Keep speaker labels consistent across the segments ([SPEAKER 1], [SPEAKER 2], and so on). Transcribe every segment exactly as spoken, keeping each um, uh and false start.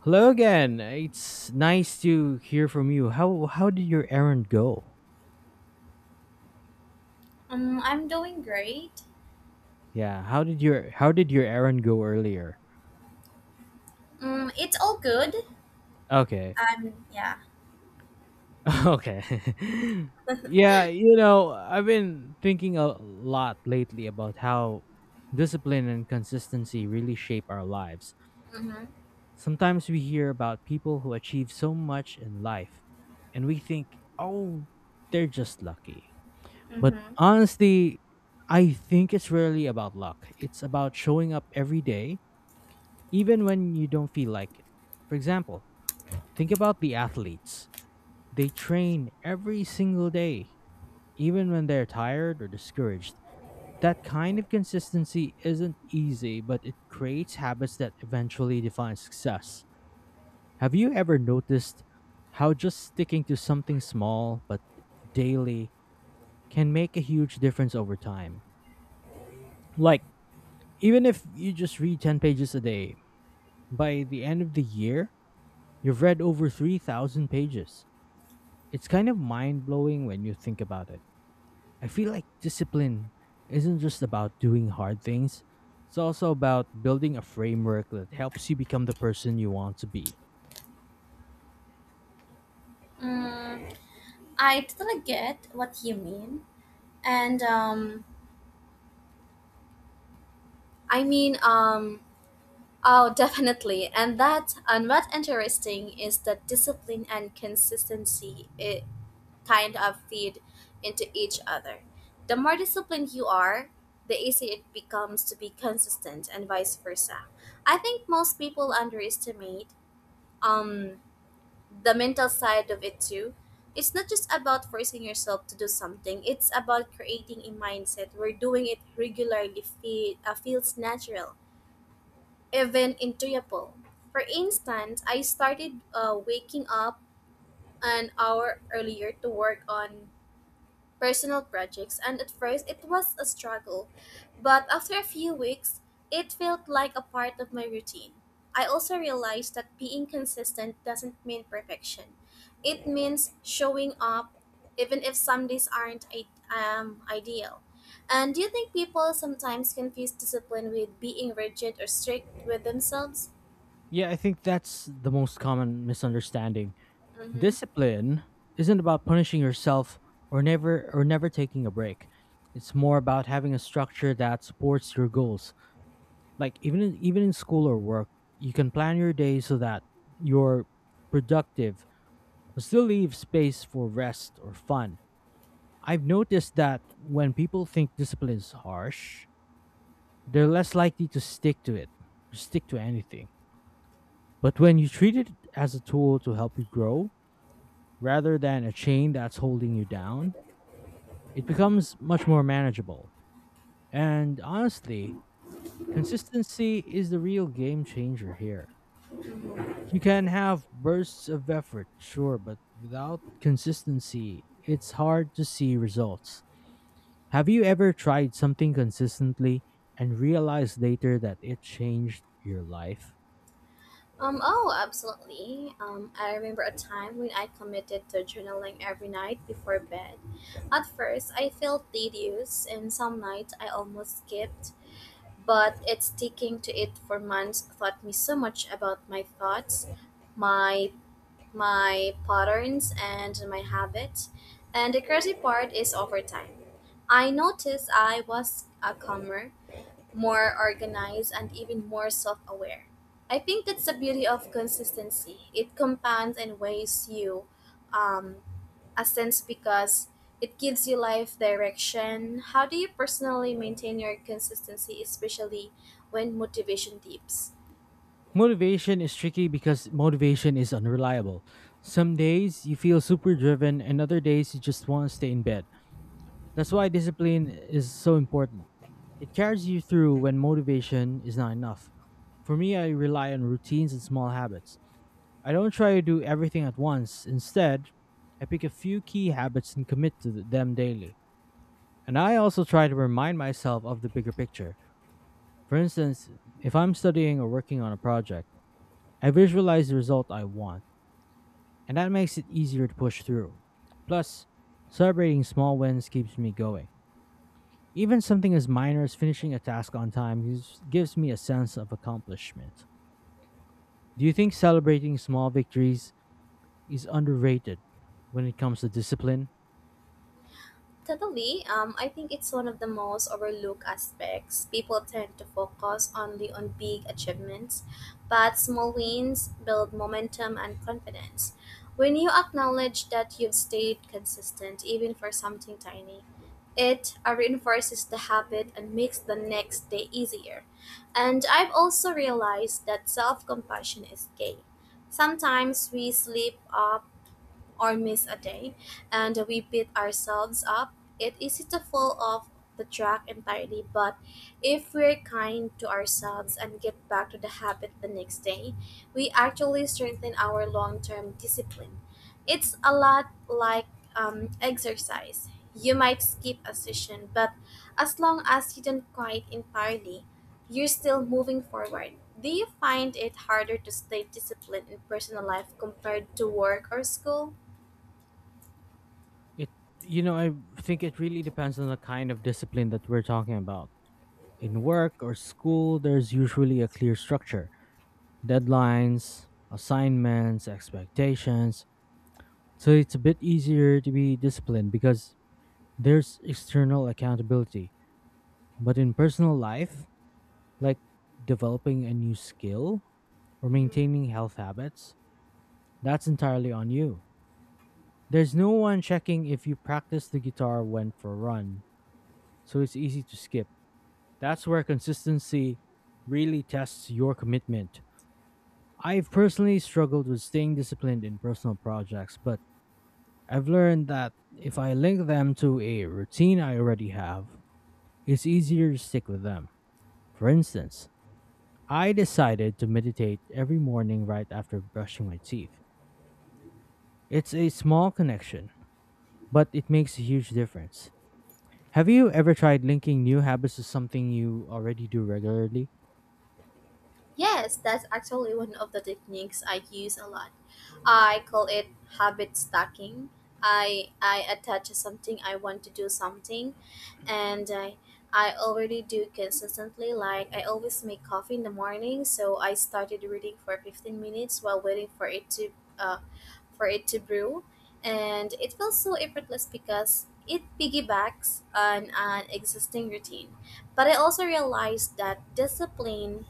[SPEAKER 1] Hello again. It's nice to hear from you. How how did your errand go?
[SPEAKER 2] Um, I'm doing great.
[SPEAKER 1] Yeah, how did your how did your errand go earlier?
[SPEAKER 2] Um, it's all good.
[SPEAKER 1] Okay.
[SPEAKER 2] I'm yeah.
[SPEAKER 1] Okay. yeah, you know, I've been thinking a lot lately about how discipline and consistency really shape our lives.
[SPEAKER 2] Mhm.
[SPEAKER 1] Sometimes we hear about people who achieve so much in life and we think, "Oh, they're just lucky." But
[SPEAKER 2] Mhm.
[SPEAKER 1] honestly, I think it's really about luck. It's about showing up every day, even when you don't feel like it. For example, think about the athletes. They train every single day, even when they're tired or discouraged. That kind of consistency isn't easy, but it creates habits that eventually define success. Have you ever noticed how just sticking to something small but daily can make a huge difference over time? Like, even if you just read ten pages a day, by the end of the year, you've read over three thousand pages. It's kind of mind blowing when you think about it. I feel like discipline isn't just about doing hard things, it's also about building a framework that helps you become the person you want to be.
[SPEAKER 2] Um, I totally get what you mean, and um, I mean um, oh, definitely. And that and what's interesting is that discipline and consistency it kind of feed into each other. The more disciplined you are, the easier it becomes to be consistent, and vice versa. I think most people underestimate um the mental side of it too. It's not just about forcing yourself to do something. It's about creating a mindset where doing it regularly feel, uh, feels natural, even enjoyable. For instance, I started uh, waking up an hour earlier to work on personal projects, and at first it was a struggle, but after a few weeks, it felt like a part of my routine. I also realized that being consistent doesn't mean perfection. It means showing up, even if some days aren't i- um, ideal. And do you think people sometimes confuse discipline with being rigid or strict with themselves?
[SPEAKER 1] Yeah, I think that's the most common misunderstanding.
[SPEAKER 2] Mm-hmm.
[SPEAKER 1] Discipline isn't about punishing yourself or never or never taking a break. It's more about having a structure that supports your goals, like even in, even in school or work. You can plan your day so that you're productive but still leave space for rest or fun. I've noticed that when people think discipline is harsh, they're less likely to stick to it stick to anything. But when you treat it as a tool to help you grow rather than a chain that's holding you down, it becomes much more manageable. And honestly, consistency is the real game changer here. You can have bursts of effort, sure, but without consistency, it's hard to see results. Have you ever tried something consistently and realized later that it changed your life?
[SPEAKER 2] Um, oh, absolutely. Um, I remember a time when I committed to journaling every night before bed. At first, I felt tedious, and some nights I almost skipped, but it's sticking to it for months taught me so much about my thoughts, my my patterns, and my habits. And the crazy part is over time. I noticed I was a calmer, more organized, and even more self aware. I think that's the beauty of consistency. It compounds and weighs you um, a sense because it gives you life direction. How do you personally maintain your consistency, especially when motivation dips?
[SPEAKER 1] Motivation is tricky because motivation is unreliable. Some days you feel super driven, and other days you just want to stay in bed. That's why discipline is so important. It carries you through when motivation is not enough. For me, I rely on routines and small habits. I don't try to do everything at once. Instead, I pick a few key habits and commit to them daily. And I also try to remind myself of the bigger picture. For instance, if I'm studying or working on a project, I visualize the result I want, and that makes it easier to push through. Plus, celebrating small wins keeps me going. Even something as minor as finishing a task on time gives, gives me a sense of accomplishment. Do you think celebrating small victories is underrated when it comes to discipline?
[SPEAKER 2] Totally. Um, I think it's one of the most overlooked aspects. People tend to focus only on big achievements, but small wins build momentum and confidence. When you acknowledge that you've stayed consistent, even for something tiny, it uh, reinforces the habit and makes the next day easier. And I've also realized that self compassion is key. Sometimes we slip up or miss a day, and we beat ourselves up. It's easy to fall off the track entirely, but if we're kind to ourselves and get back to the habit the next day, we actually strengthen our long term discipline. It's a lot like um, exercise. You might skip a session, but as long as you don't quit entirely, you're still moving forward. Do you find it harder to stay disciplined in personal life compared to work or school?
[SPEAKER 1] It, you know, I think it really depends on the kind of discipline that we're talking about. In work or school, there's usually a clear structure, deadlines, assignments, expectations. So it's a bit easier to be disciplined because there's external accountability. But in personal life, like developing a new skill or maintaining health habits, that's entirely on you. There's no one checking if you practice the guitar or went for a run, so it's easy to skip. That's where consistency really tests your commitment. I've personally struggled with staying disciplined in personal projects, but I've learned that if I link them to a routine I already have, it's easier to stick with them. For instance, I decided to meditate every morning right after brushing my teeth. It's a small connection, but it makes a huge difference. Have you ever tried linking new habits to something you already do regularly?
[SPEAKER 2] Yes, that's actually one of the techniques I use a lot. I call it habit stacking. I I attach something I want to do something and I I already do consistently, like I always make coffee in the morning, so I started reading for fifteen minutes while waiting for it to uh, for it to brew, and it feels so effortless because it piggybacks on an existing routine. But I also realized that discipline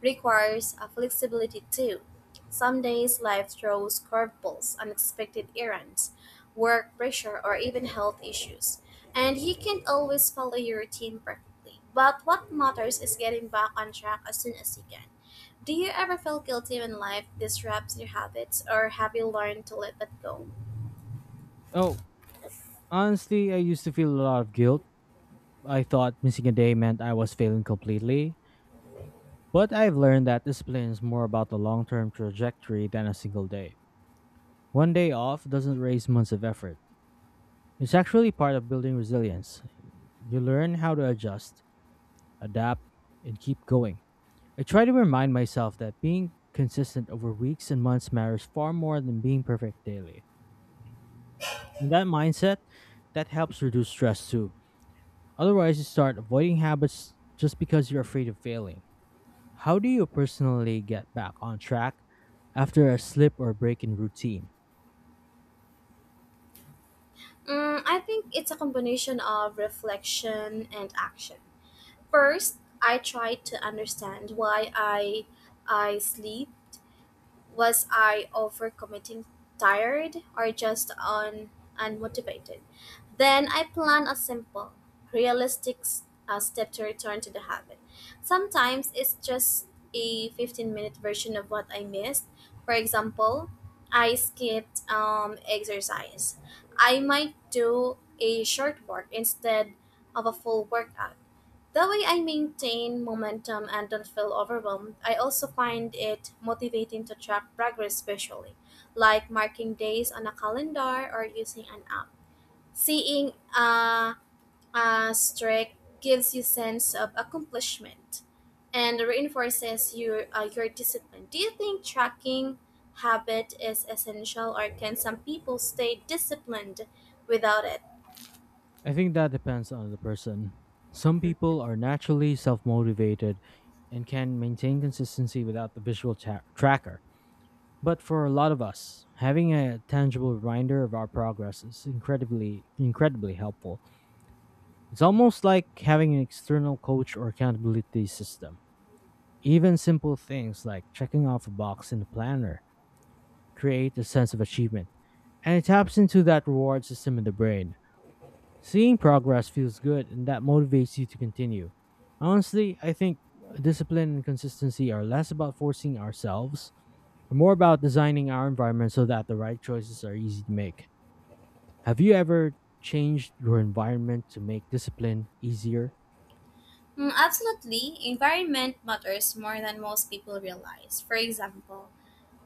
[SPEAKER 2] requires a flexibility too. Some days life throws curveballs, unexpected errands, work pressure, or even health issues, and you can't always follow your routine perfectly. But what matters is getting back on track as soon as you can. Do you ever feel guilty when life disrupts your habits, or have you learned to let that go?
[SPEAKER 1] Oh, honestly, I used to feel a lot of guilt. I thought missing a day meant I was failing completely, but I've learned that discipline is more about the long term trajectory than a single day. One day off doesn't erase months of effort. It's actually part of building resilience. You learn how to adjust, adapt, and keep going. I try to remind myself that being consistent over weeks and months matters far more than being perfect daily. And that mindset, that helps reduce stress too. Otherwise, you start avoiding habits just because you're afraid of failing. How do you personally get back on track after a slip or break in routine?
[SPEAKER 2] Mm, I think it's a combination of reflection and action. First, I try to understand why I I sleep. Was I overcommitting, tired, or just un- unmotivated? Then I plan a simple, realistic s- uh, step to return to the habit. Sometimes it's just a fifteen minute version of what I missed. For example, I skipped um, exercise. I might do a short work instead of a full workout. That way, I maintain momentum and don't feel overwhelmed. I also find it motivating to track progress visually, like marking days on a calendar or using an app. Seeing a, a streak gives you sense of accomplishment and reinforces your uh, your discipline. Do you think tracking habit is essential, or can some people stay disciplined without it?
[SPEAKER 1] I think that depends on the person. Some people are naturally self motivated and can maintain consistency without the visual tra- tracker. But for a lot of us, having a tangible reminder of our progress is incredibly, incredibly helpful. It's almost like having an external coach or accountability system. Even simple things like checking off a box in the planner create a sense of achievement, and it taps into that reward system in the brain. Seeing progress feels good, and that motivates you to continue. Honestly, I think discipline and consistency are less about forcing ourselves and more about designing our environment so that the right choices are easy to make. Have you ever changed your environment to make discipline easier?
[SPEAKER 2] Mm, absolutely, environment matters more than most people realize. For example,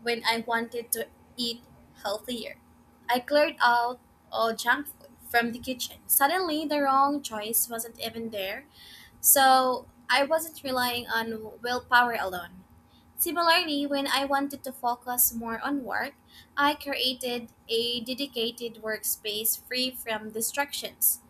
[SPEAKER 2] when I wanted to eat healthier, I cleared out all junk food from the kitchen. Suddenly, the wrong choice wasn't even there, so I wasn't relying on willpower alone. Similarly, when I wanted to focus more on work, I created a dedicated workspace free from distractions.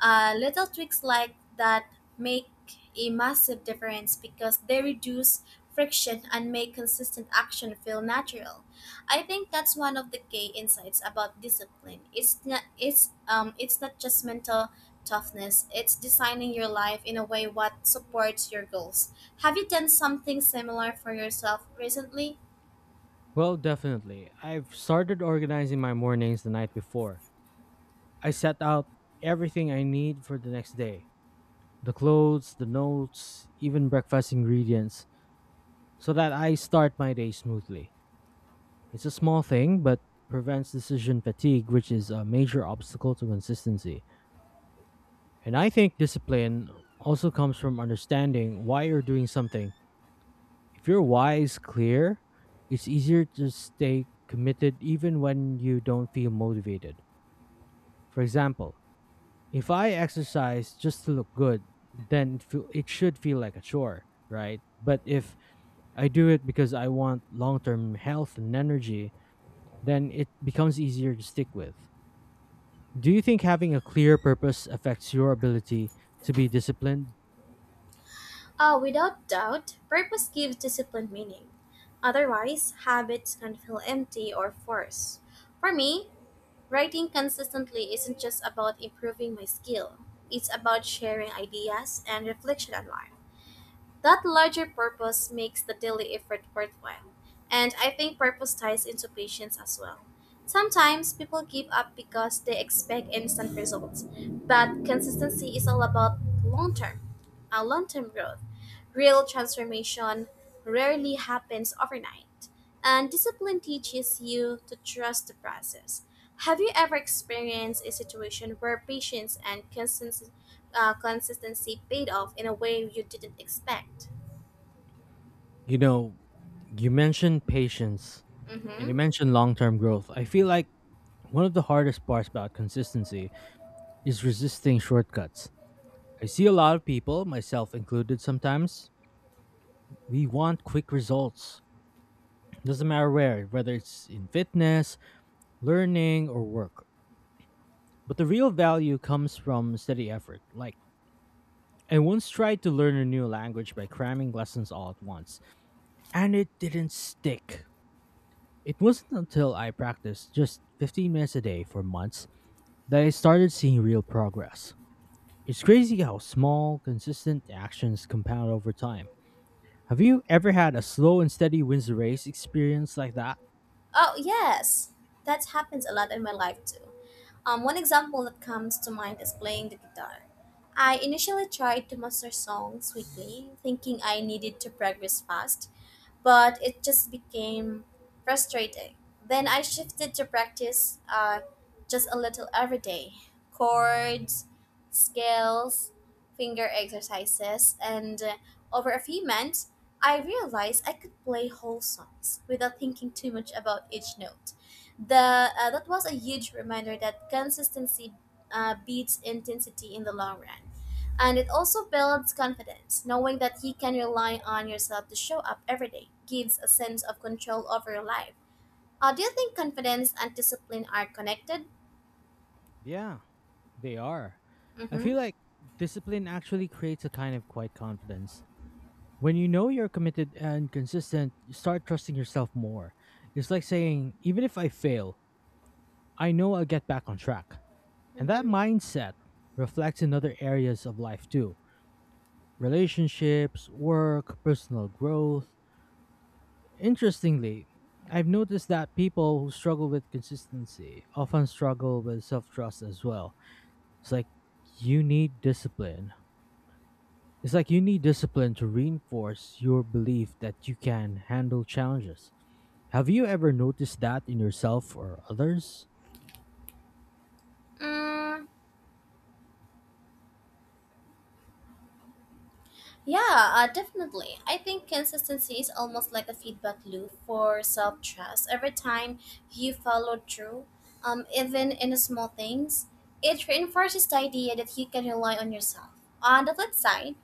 [SPEAKER 2] Uh, little tricks like that make a massive difference because they reduce friction and make consistent action feel natural. I think that's one of the key insights about discipline. It's not it's um it's not just mental toughness. It's designing your life in a way what supports your goals. Have you done something similar for yourself recently?
[SPEAKER 1] Well, definitely. I've started organizing my mornings the night before. I set out everything I need for the next day: the clothes, the notes, even breakfast ingredients, so that I start my day smoothly. It's a small thing, but prevents decision fatigue, which is a major obstacle to consistency. And I think discipline also comes from understanding why you're doing something. If you're wise, clear, it's easier to stay committed even when you don't feel motivated. For example, if I exercise just to look good, then it, feel, it should feel like a chore, right? But if I do it because I want long term health and energy, then it becomes easier to stick with. Do you think having a clear purpose affects your ability to be disciplined?
[SPEAKER 2] Uh, without doubt, purpose gives discipline meaning. Otherwise, habits can feel empty or forced. For me, writing consistently isn't just about improving my skill, it's about sharing ideas and reflection on life. That larger purpose makes the daily effort worthwhile. And I think purpose ties into patience as well. Sometimes people give up because they expect instant results, but consistency is all about long term, a long term growth. Real transformation rarely happens overnight, and discipline teaches you to trust the process. Have you ever experienced a situation where patience and consistency uh, consistency paid off in a way you didn't expect.
[SPEAKER 1] You know, you mentioned patience and you
[SPEAKER 2] Mm-hmm.
[SPEAKER 1] mentioned long term growth. I feel like one of the hardest parts about consistency is resisting shortcuts. I see a lot of people, myself included sometimes, we want quick results. Doesn't matter where, whether it's in fitness, learning, or work. But the real value comes from steady effort. Like, I once tried to learn a new language by cramming lessons all at once, and it didn't stick. It wasn't until I practiced just fifteen minutes a day for months that I started seeing real progress. It's crazy how small, consistent actions compound over time. Have you ever had a slow and steady wins the race experience like that?
[SPEAKER 2] Oh, yes. That happens a lot in my life too. Um, one example that comes to mind is playing the guitar. I initially tried to master songs quickly, thinking I needed to progress fast, but it just became frustrating. Then I shifted to practice uh, just a little every day, chords, scales, finger exercises, and uh, over a few months, I realized I could play whole songs without thinking too much about each note. The, uh, that was a huge reminder that consistency uh, beats intensity in the long run. And it also builds confidence. Knowing that you can rely on yourself to show up every day gives a sense of control over your life. Uh, do you think confidence and discipline are connected?
[SPEAKER 1] Yeah, they are. I
[SPEAKER 2] Mm-hmm.
[SPEAKER 1] feel like discipline actually creates a kind of quiet confidence. When you know you're committed and consistent, you start trusting yourself more. It's like saying, even if I fail, I know I'll get back on track. And that
[SPEAKER 2] Mm-hmm.
[SPEAKER 1] mindset reflects in other areas of life too: relationships, work, personal growth. Interestingly, I've noticed that people who struggle with consistency often struggle with self trust as well. It's like you need discipline. It's like you need discipline to reinforce your belief that you can handle challenges. Have you ever noticed that in yourself or others?
[SPEAKER 2] Mm, Yeah, uh, definitely. I think consistency is almost like a feedback loop for self trust. Every time you follow through, um, even in the small things, it reinforces the idea that you can rely on yourself. On the flip side,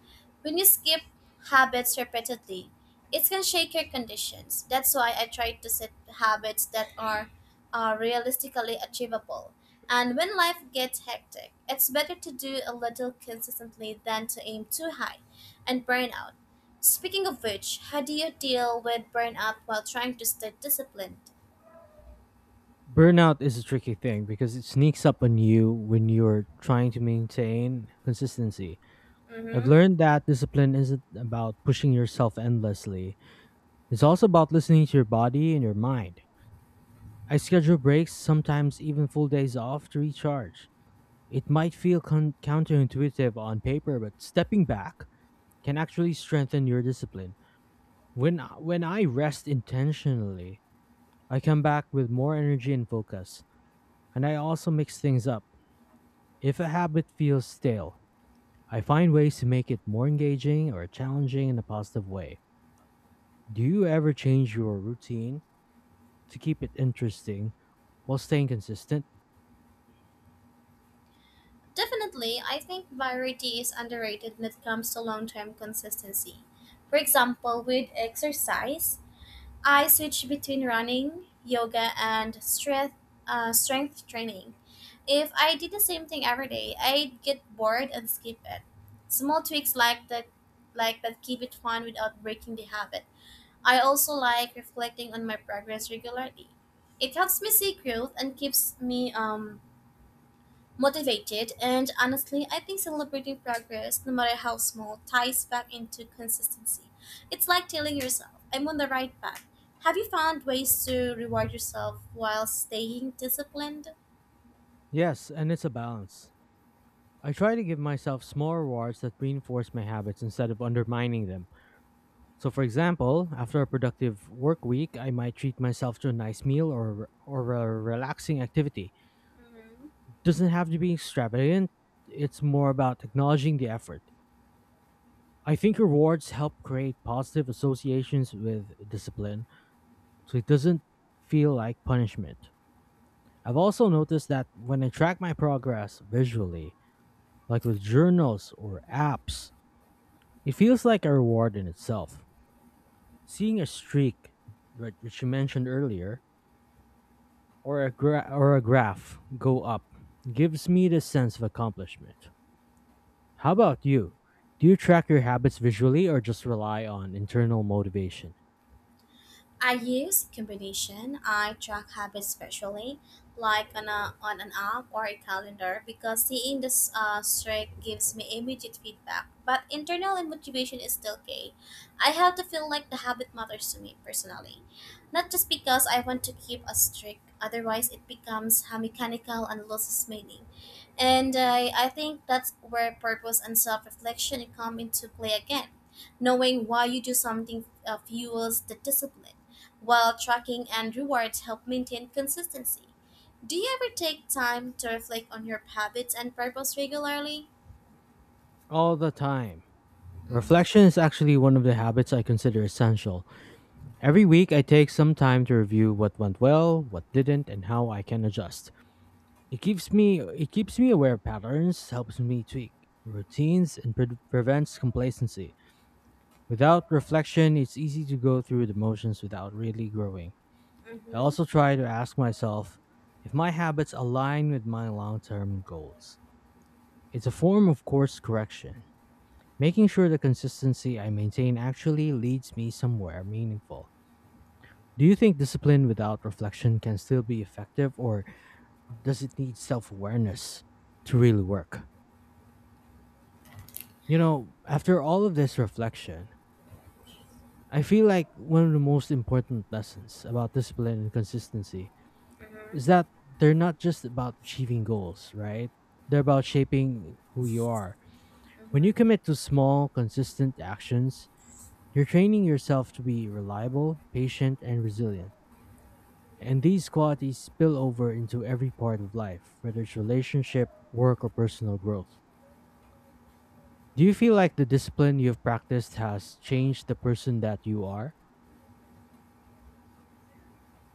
[SPEAKER 2] when you skip habits repeatedly, it can shake your conditions. That's why I try to set habits that are uh, realistically achievable. And when life gets hectic, it's better to do a little consistently than to aim too high and burnout. Speaking of which, how do you deal with burnout while trying to stay disciplined?
[SPEAKER 1] Burnout is a tricky thing because it sneaks up on you when you're trying to maintain consistency. I've
[SPEAKER 2] Mm-hmm.
[SPEAKER 1] learned that discipline isn't about pushing yourself endlessly, it's also about listening to your body and your mind. I schedule breaks, sometimes even full days off, to recharge. It might feel con- counterintuitive on paper, but stepping back can actually strengthen your discipline. When I- when I rest intentionally, I come back with more energy and focus, and I also mix things up. If a habit feels stale, I find ways to make it more engaging or challenging in a positive way. Do you ever change your routine to keep it interesting while staying consistent?
[SPEAKER 2] Definitely, I think variety is underrated when it comes to long term consistency. For example, with exercise, I switch between running, yoga, and strength, uh, strength training. If I did the same thing every day, I'd get bored and skip it. Small tweaks like that, like that keep it fun without breaking the habit. I also like reflecting on my progress regularly. It helps me see growth and keeps me um, motivated. And honestly, I think celebrating progress, no matter how small, ties back into consistency. It's like telling yourself, I'm on the right path. Have you found ways to reward yourself while staying disciplined?
[SPEAKER 1] Yes, and it's a balance. I try to give myself small rewards that reinforce my habits instead of undermining them. So, for example, after a productive work week, I might treat myself to a nice meal or, or a relaxing activity.
[SPEAKER 2] Mhm.
[SPEAKER 1] Doesn't have to be extravagant, it's more about acknowledging the effort. I think rewards help create positive associations with discipline, so it doesn't feel like punishment. I've also noticed that when I track my progress visually, like with journals or apps, it feels like a reward in itself. Seeing a streak, right, which you mentioned earlier, or a gra- or a graph go up gives me the sense of accomplishment. How about you? Do you track your habits visually or just rely on internal motivation?
[SPEAKER 2] I use combination. I track habits visually, like on, a, on an app or a calendar, because seeing the s- uh, streak gives me immediate feedback. But internal and motivation is still key. I have to feel like the habit matters to me personally, not just because I want to keep a streak. Otherwise, it becomes uh, mechanical and loses meaning. And I, I think that's where purpose and self-reflection come into play again. Knowing why you do something uh, fuels the discipline. While tracking and rewards help maintain consistency. Do you ever take time to reflect on your habits and purpose regularly?
[SPEAKER 1] All the time.
[SPEAKER 2] Mm-hmm.
[SPEAKER 1] Reflection is actually one of the habits I consider essential. Every week, I take some time to review what went well, what didn't, and how I can adjust. It keeps me it keeps me aware of patterns, helps me tweak routines, and pre- prevents complacency. Without reflection, it's easy to go through the motions without really growing. I
[SPEAKER 2] Mm-hmm.
[SPEAKER 1] also try to ask myself if my habits align with my long term goals. It's a form of course correction, making sure the consistency I maintain actually leads me somewhere meaningful. Do you think discipline without reflection can still be effective, or does it need self awareness to really work? You know, after all of this reflection, I feel like one of the most important lessons about discipline and consistency is
[SPEAKER 2] Mm-hmm.
[SPEAKER 1] that they're not just about achieving goals, right? They're about shaping who you are. When you
[SPEAKER 2] Mm-hmm.
[SPEAKER 1] commit to small, consistent actions, you're training yourself to be reliable, patient, and resilient. And these qualities spill over into every part of life, whether it's relationship, work, or personal growth. Do you feel like the discipline you've practiced has changed the person that you are?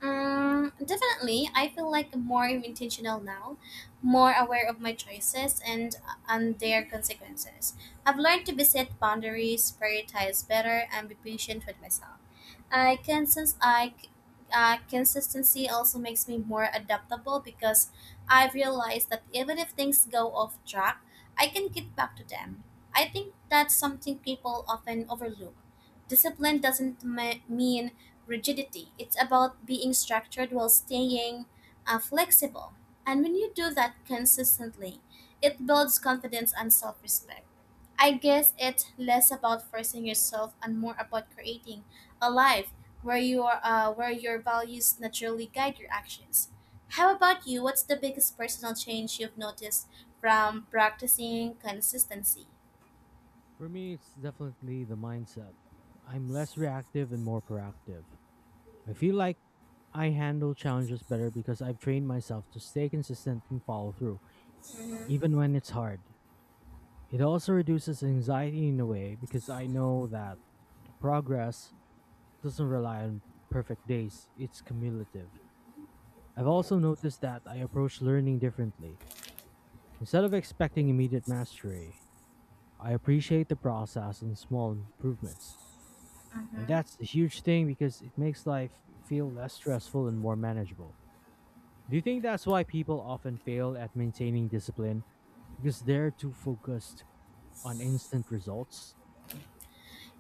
[SPEAKER 2] Um, definitely. I feel like more intentional now, more aware of my choices and and their consequences. I've learned to be set boundaries, prioritize better, and be patient with myself. I can since I uh, Consistency also makes me more adaptable because I've realized that even if things go off track, I can get back to them. I think that's something people often overlook. Discipline doesn't me- mean rigidity. It's about being structured while staying uh, flexible. And when you do that consistently, it builds confidence and self-respect. I guess it's less about forcing yourself and more about creating a life where you are uh, where your values naturally guide your actions. How about you? What's the biggest personal change you've noticed from practicing consistency?
[SPEAKER 1] For me, it's definitely the mindset. I'm less reactive and more proactive. I feel like I handle challenges better because I've trained myself to stay consistent and follow through,
[SPEAKER 2] Hmm.
[SPEAKER 1] even when it's hard. It also reduces anxiety in a way because I know that progress doesn't rely on perfect days, it's cumulative. I've also noticed that I approach learning differently. Instead of expecting immediate mastery, I appreciate the process and small improvements. And
[SPEAKER 2] Mm-hmm.
[SPEAKER 1] that's a huge thing because it makes life feel less stressful and more manageable. Do you think that's why people often fail at maintaining discipline? Because they're too focused on instant results?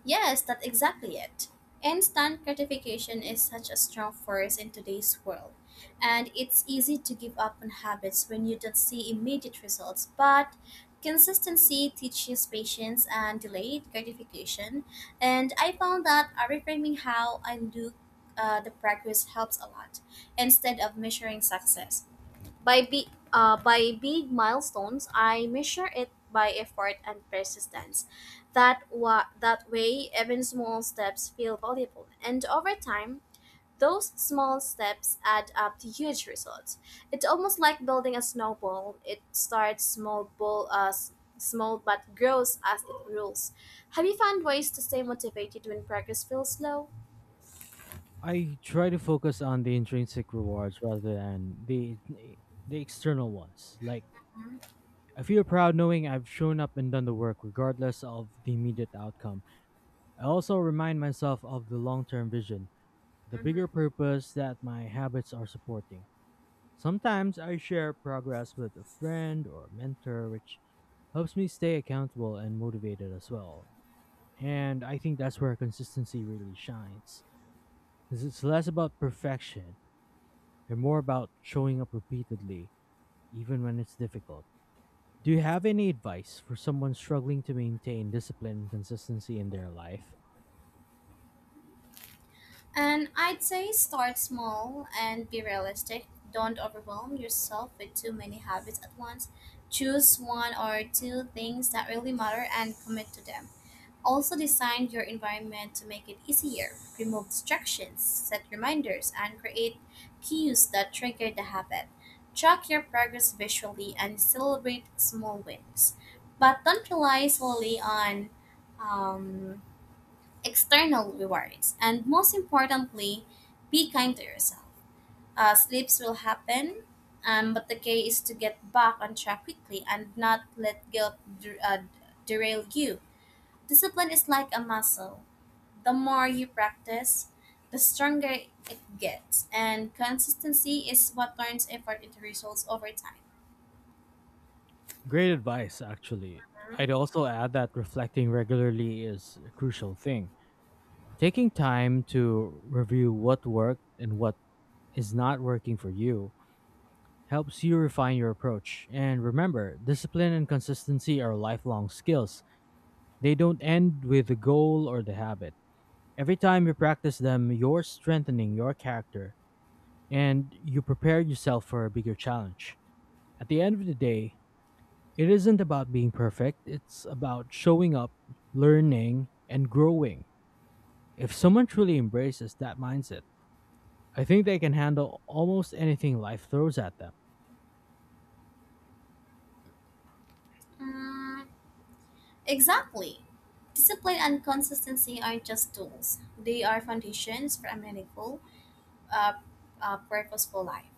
[SPEAKER 2] Yes, that's exactly it. Instant gratification is such a strong force in today's world, and it's easy to give up on habits when you don't see immediate results. But consistency teaches patience and delayed gratification, and I found that uh, reframing how I look uh, the practice helps a lot instead of measuring success. By big, uh, by big milestones, I measure it by effort and persistence. That wa- that way, even small steps feel valuable, and over time, those small steps add up to huge results. It's almost like building a snowball. It starts small, ball, uh, s- small but grows as it rolls. Have you found ways to stay motivated when progress feels slow?
[SPEAKER 1] I try to focus on the intrinsic rewards rather than the the external ones. Like I feel proud knowing I've shown up and done the work regardless of the immediate outcome. I also remind myself of the long-term vision, the
[SPEAKER 2] Mhm.
[SPEAKER 1] bigger purpose that my habits are supporting. Sometimes I share progress with a friend or a mentor, which helps me stay accountable and motivated as well. And I think that's where consistency really shines, because it's less about perfection and more about showing up repeatedly, even when it's difficult. Do you have any advice for someone struggling to maintain discipline and consistency in their life?
[SPEAKER 2] And I'd say start small and be realistic. Don't overwhelm yourself with too many habits at once. Choose one or two things that really matter and commit to them. Also, design your environment to make it easier. Remove distractions, set reminders, and create cues that trigger the habit. Track your progress visually and celebrate small wins. But don't rely solely on um, external rewards, and most importantly, be kind to yourself. Uh, slips will happen, um, but the key is to get back on track quickly and not let guilt der- uh, derail you. Discipline is like a muscle. The more you practice, the stronger it gets, and consistency is what turns effort into results over time.
[SPEAKER 1] Great advice, actually. I'd also add that reflecting regularly is a crucial thing. Taking time to review what worked and what is not working for you helps you refine your approach. And remember, discipline and consistency are lifelong skills. They don't end with the goal or the habit. Every time you practice them, you're strengthening your character and you prepare yourself for a bigger challenge. At the end of the day, it isn't about being perfect, it's about showing up, learning, and growing. If someone truly embraces that mindset, I think they can handle almost anything life throws at them.
[SPEAKER 2] Mm, exactly. Discipline and consistency aren't just tools, they are foundations for a many goal. uh, uh, purposeful life.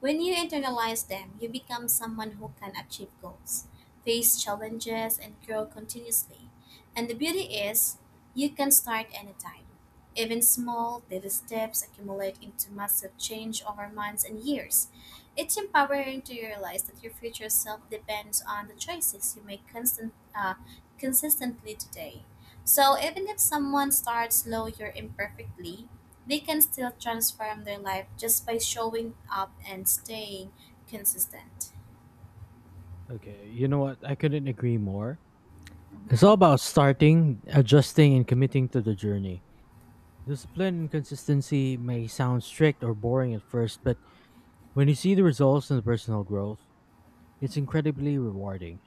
[SPEAKER 2] When you internalize them, you become someone who can achieve goals, face challenges, and grow continuously. And the beauty is, you can start anytime. Even small, daily steps accumulate into massive change over months and years. It's empowering to realize that your future self depends on the choices you make constant, uh, consistently today. So even if someone starts slow or imperfectly, they can still transform their life just by showing up and staying consistent.
[SPEAKER 1] Okay, you know what? I couldn't agree more. It's all
[SPEAKER 2] Mhm.
[SPEAKER 1] about starting, adjusting, and committing to the journey. Discipline and consistency may sound strict or boring at first, but when you see the results and the personal growth, it's incredibly rewarding.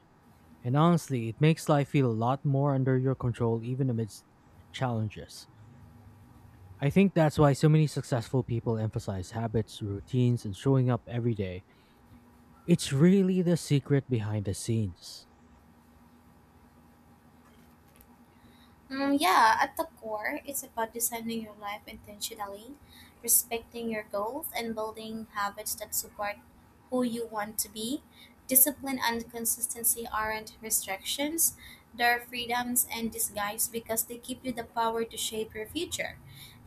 [SPEAKER 1] And honestly, it makes life feel a lot more under your control even amidst challenges. I think that's why so many successful people emphasize habits, routines, and showing up every day. It's really the secret behind the scenes.
[SPEAKER 2] Mm, yeah, at the core, it's about designing your life intentionally, respecting your goals, and building habits that support who you want to be. Discipline and consistency aren't restrictions, they're freedoms and disguise because they give you the power to shape your future.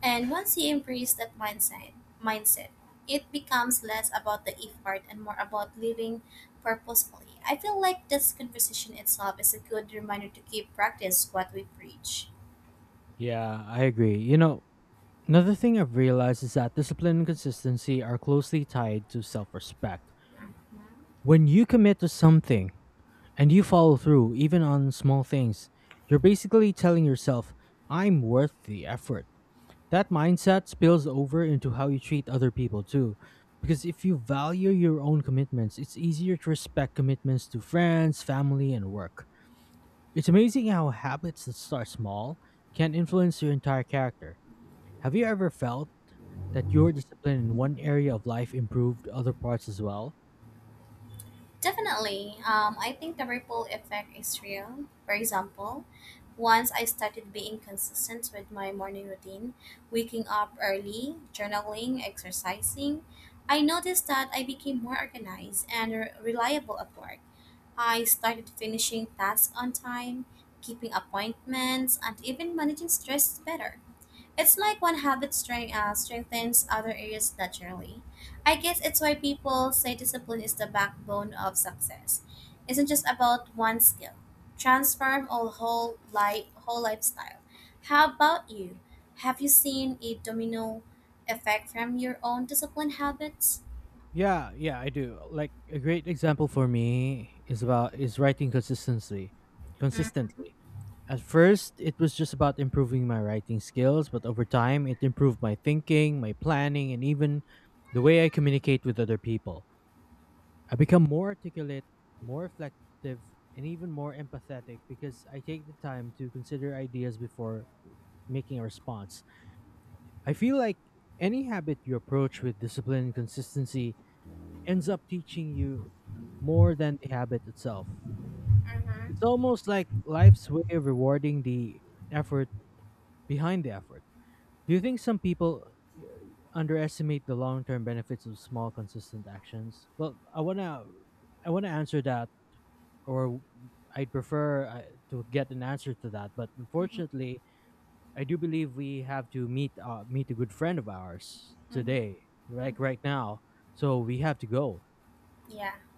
[SPEAKER 2] And once you embrace that mindset, mindset, it becomes less about the if part and more about living purposefully. I feel like this conversation itself is a good reminder to keep practice what we preach.
[SPEAKER 1] Yeah, I agree. You know, another thing I've realized is that discipline and consistency are closely tied to self respect. When you commit to something and you follow through, even on small things, you're basically telling yourself, I'm worth the effort. That mindset spills over into how you treat other people too. Because if you value your own commitments, it's easier to respect commitments to friends, family, and work. It's amazing how habits that start small can influence your entire character. Have you ever felt that your discipline in one area of life improved other parts as well?
[SPEAKER 2] Definitely, um, I think the ripple effect is real. For example, once I started being consistent with my morning routine, waking up early, journaling, exercising, I noticed that I became more organized and re- reliable at work. I started finishing tasks on time, keeping appointments, and even managing stress better. It's like one habit strength, uh, strengthens other areas naturally. I guess it's why people say discipline is the backbone of success. It's not just about one skill. Transform all whole life, whole lifestyle. How about you? Have you seen a domino effect from your own discipline habits?
[SPEAKER 1] Yeah, yeah, I do. Like a great example for me is about is writing consistency. Consistently. At first, it was just about improving my writing skills, but over time, it improved my thinking, my planning, and even the way I communicate with other people. I become more articulate, more reflective, and even more empathetic because I take the time to consider ideas before making a response. I feel like any habit you approach with discipline and consistency ends up teaching you more than the habit itself. It's
[SPEAKER 2] Mm-hmm.
[SPEAKER 1] almost like life's way of rewarding the effort behind the effort. Do you think some people uh, underestimate the long-term benefits of small consistent actions? Well, I want to I want to answer that, or I'd prefer uh, to get an answer to that, but unfortunately, I do believe we have to meet uh, meet a good friend of ours today, like right now. So we have to go.
[SPEAKER 2] Yeah.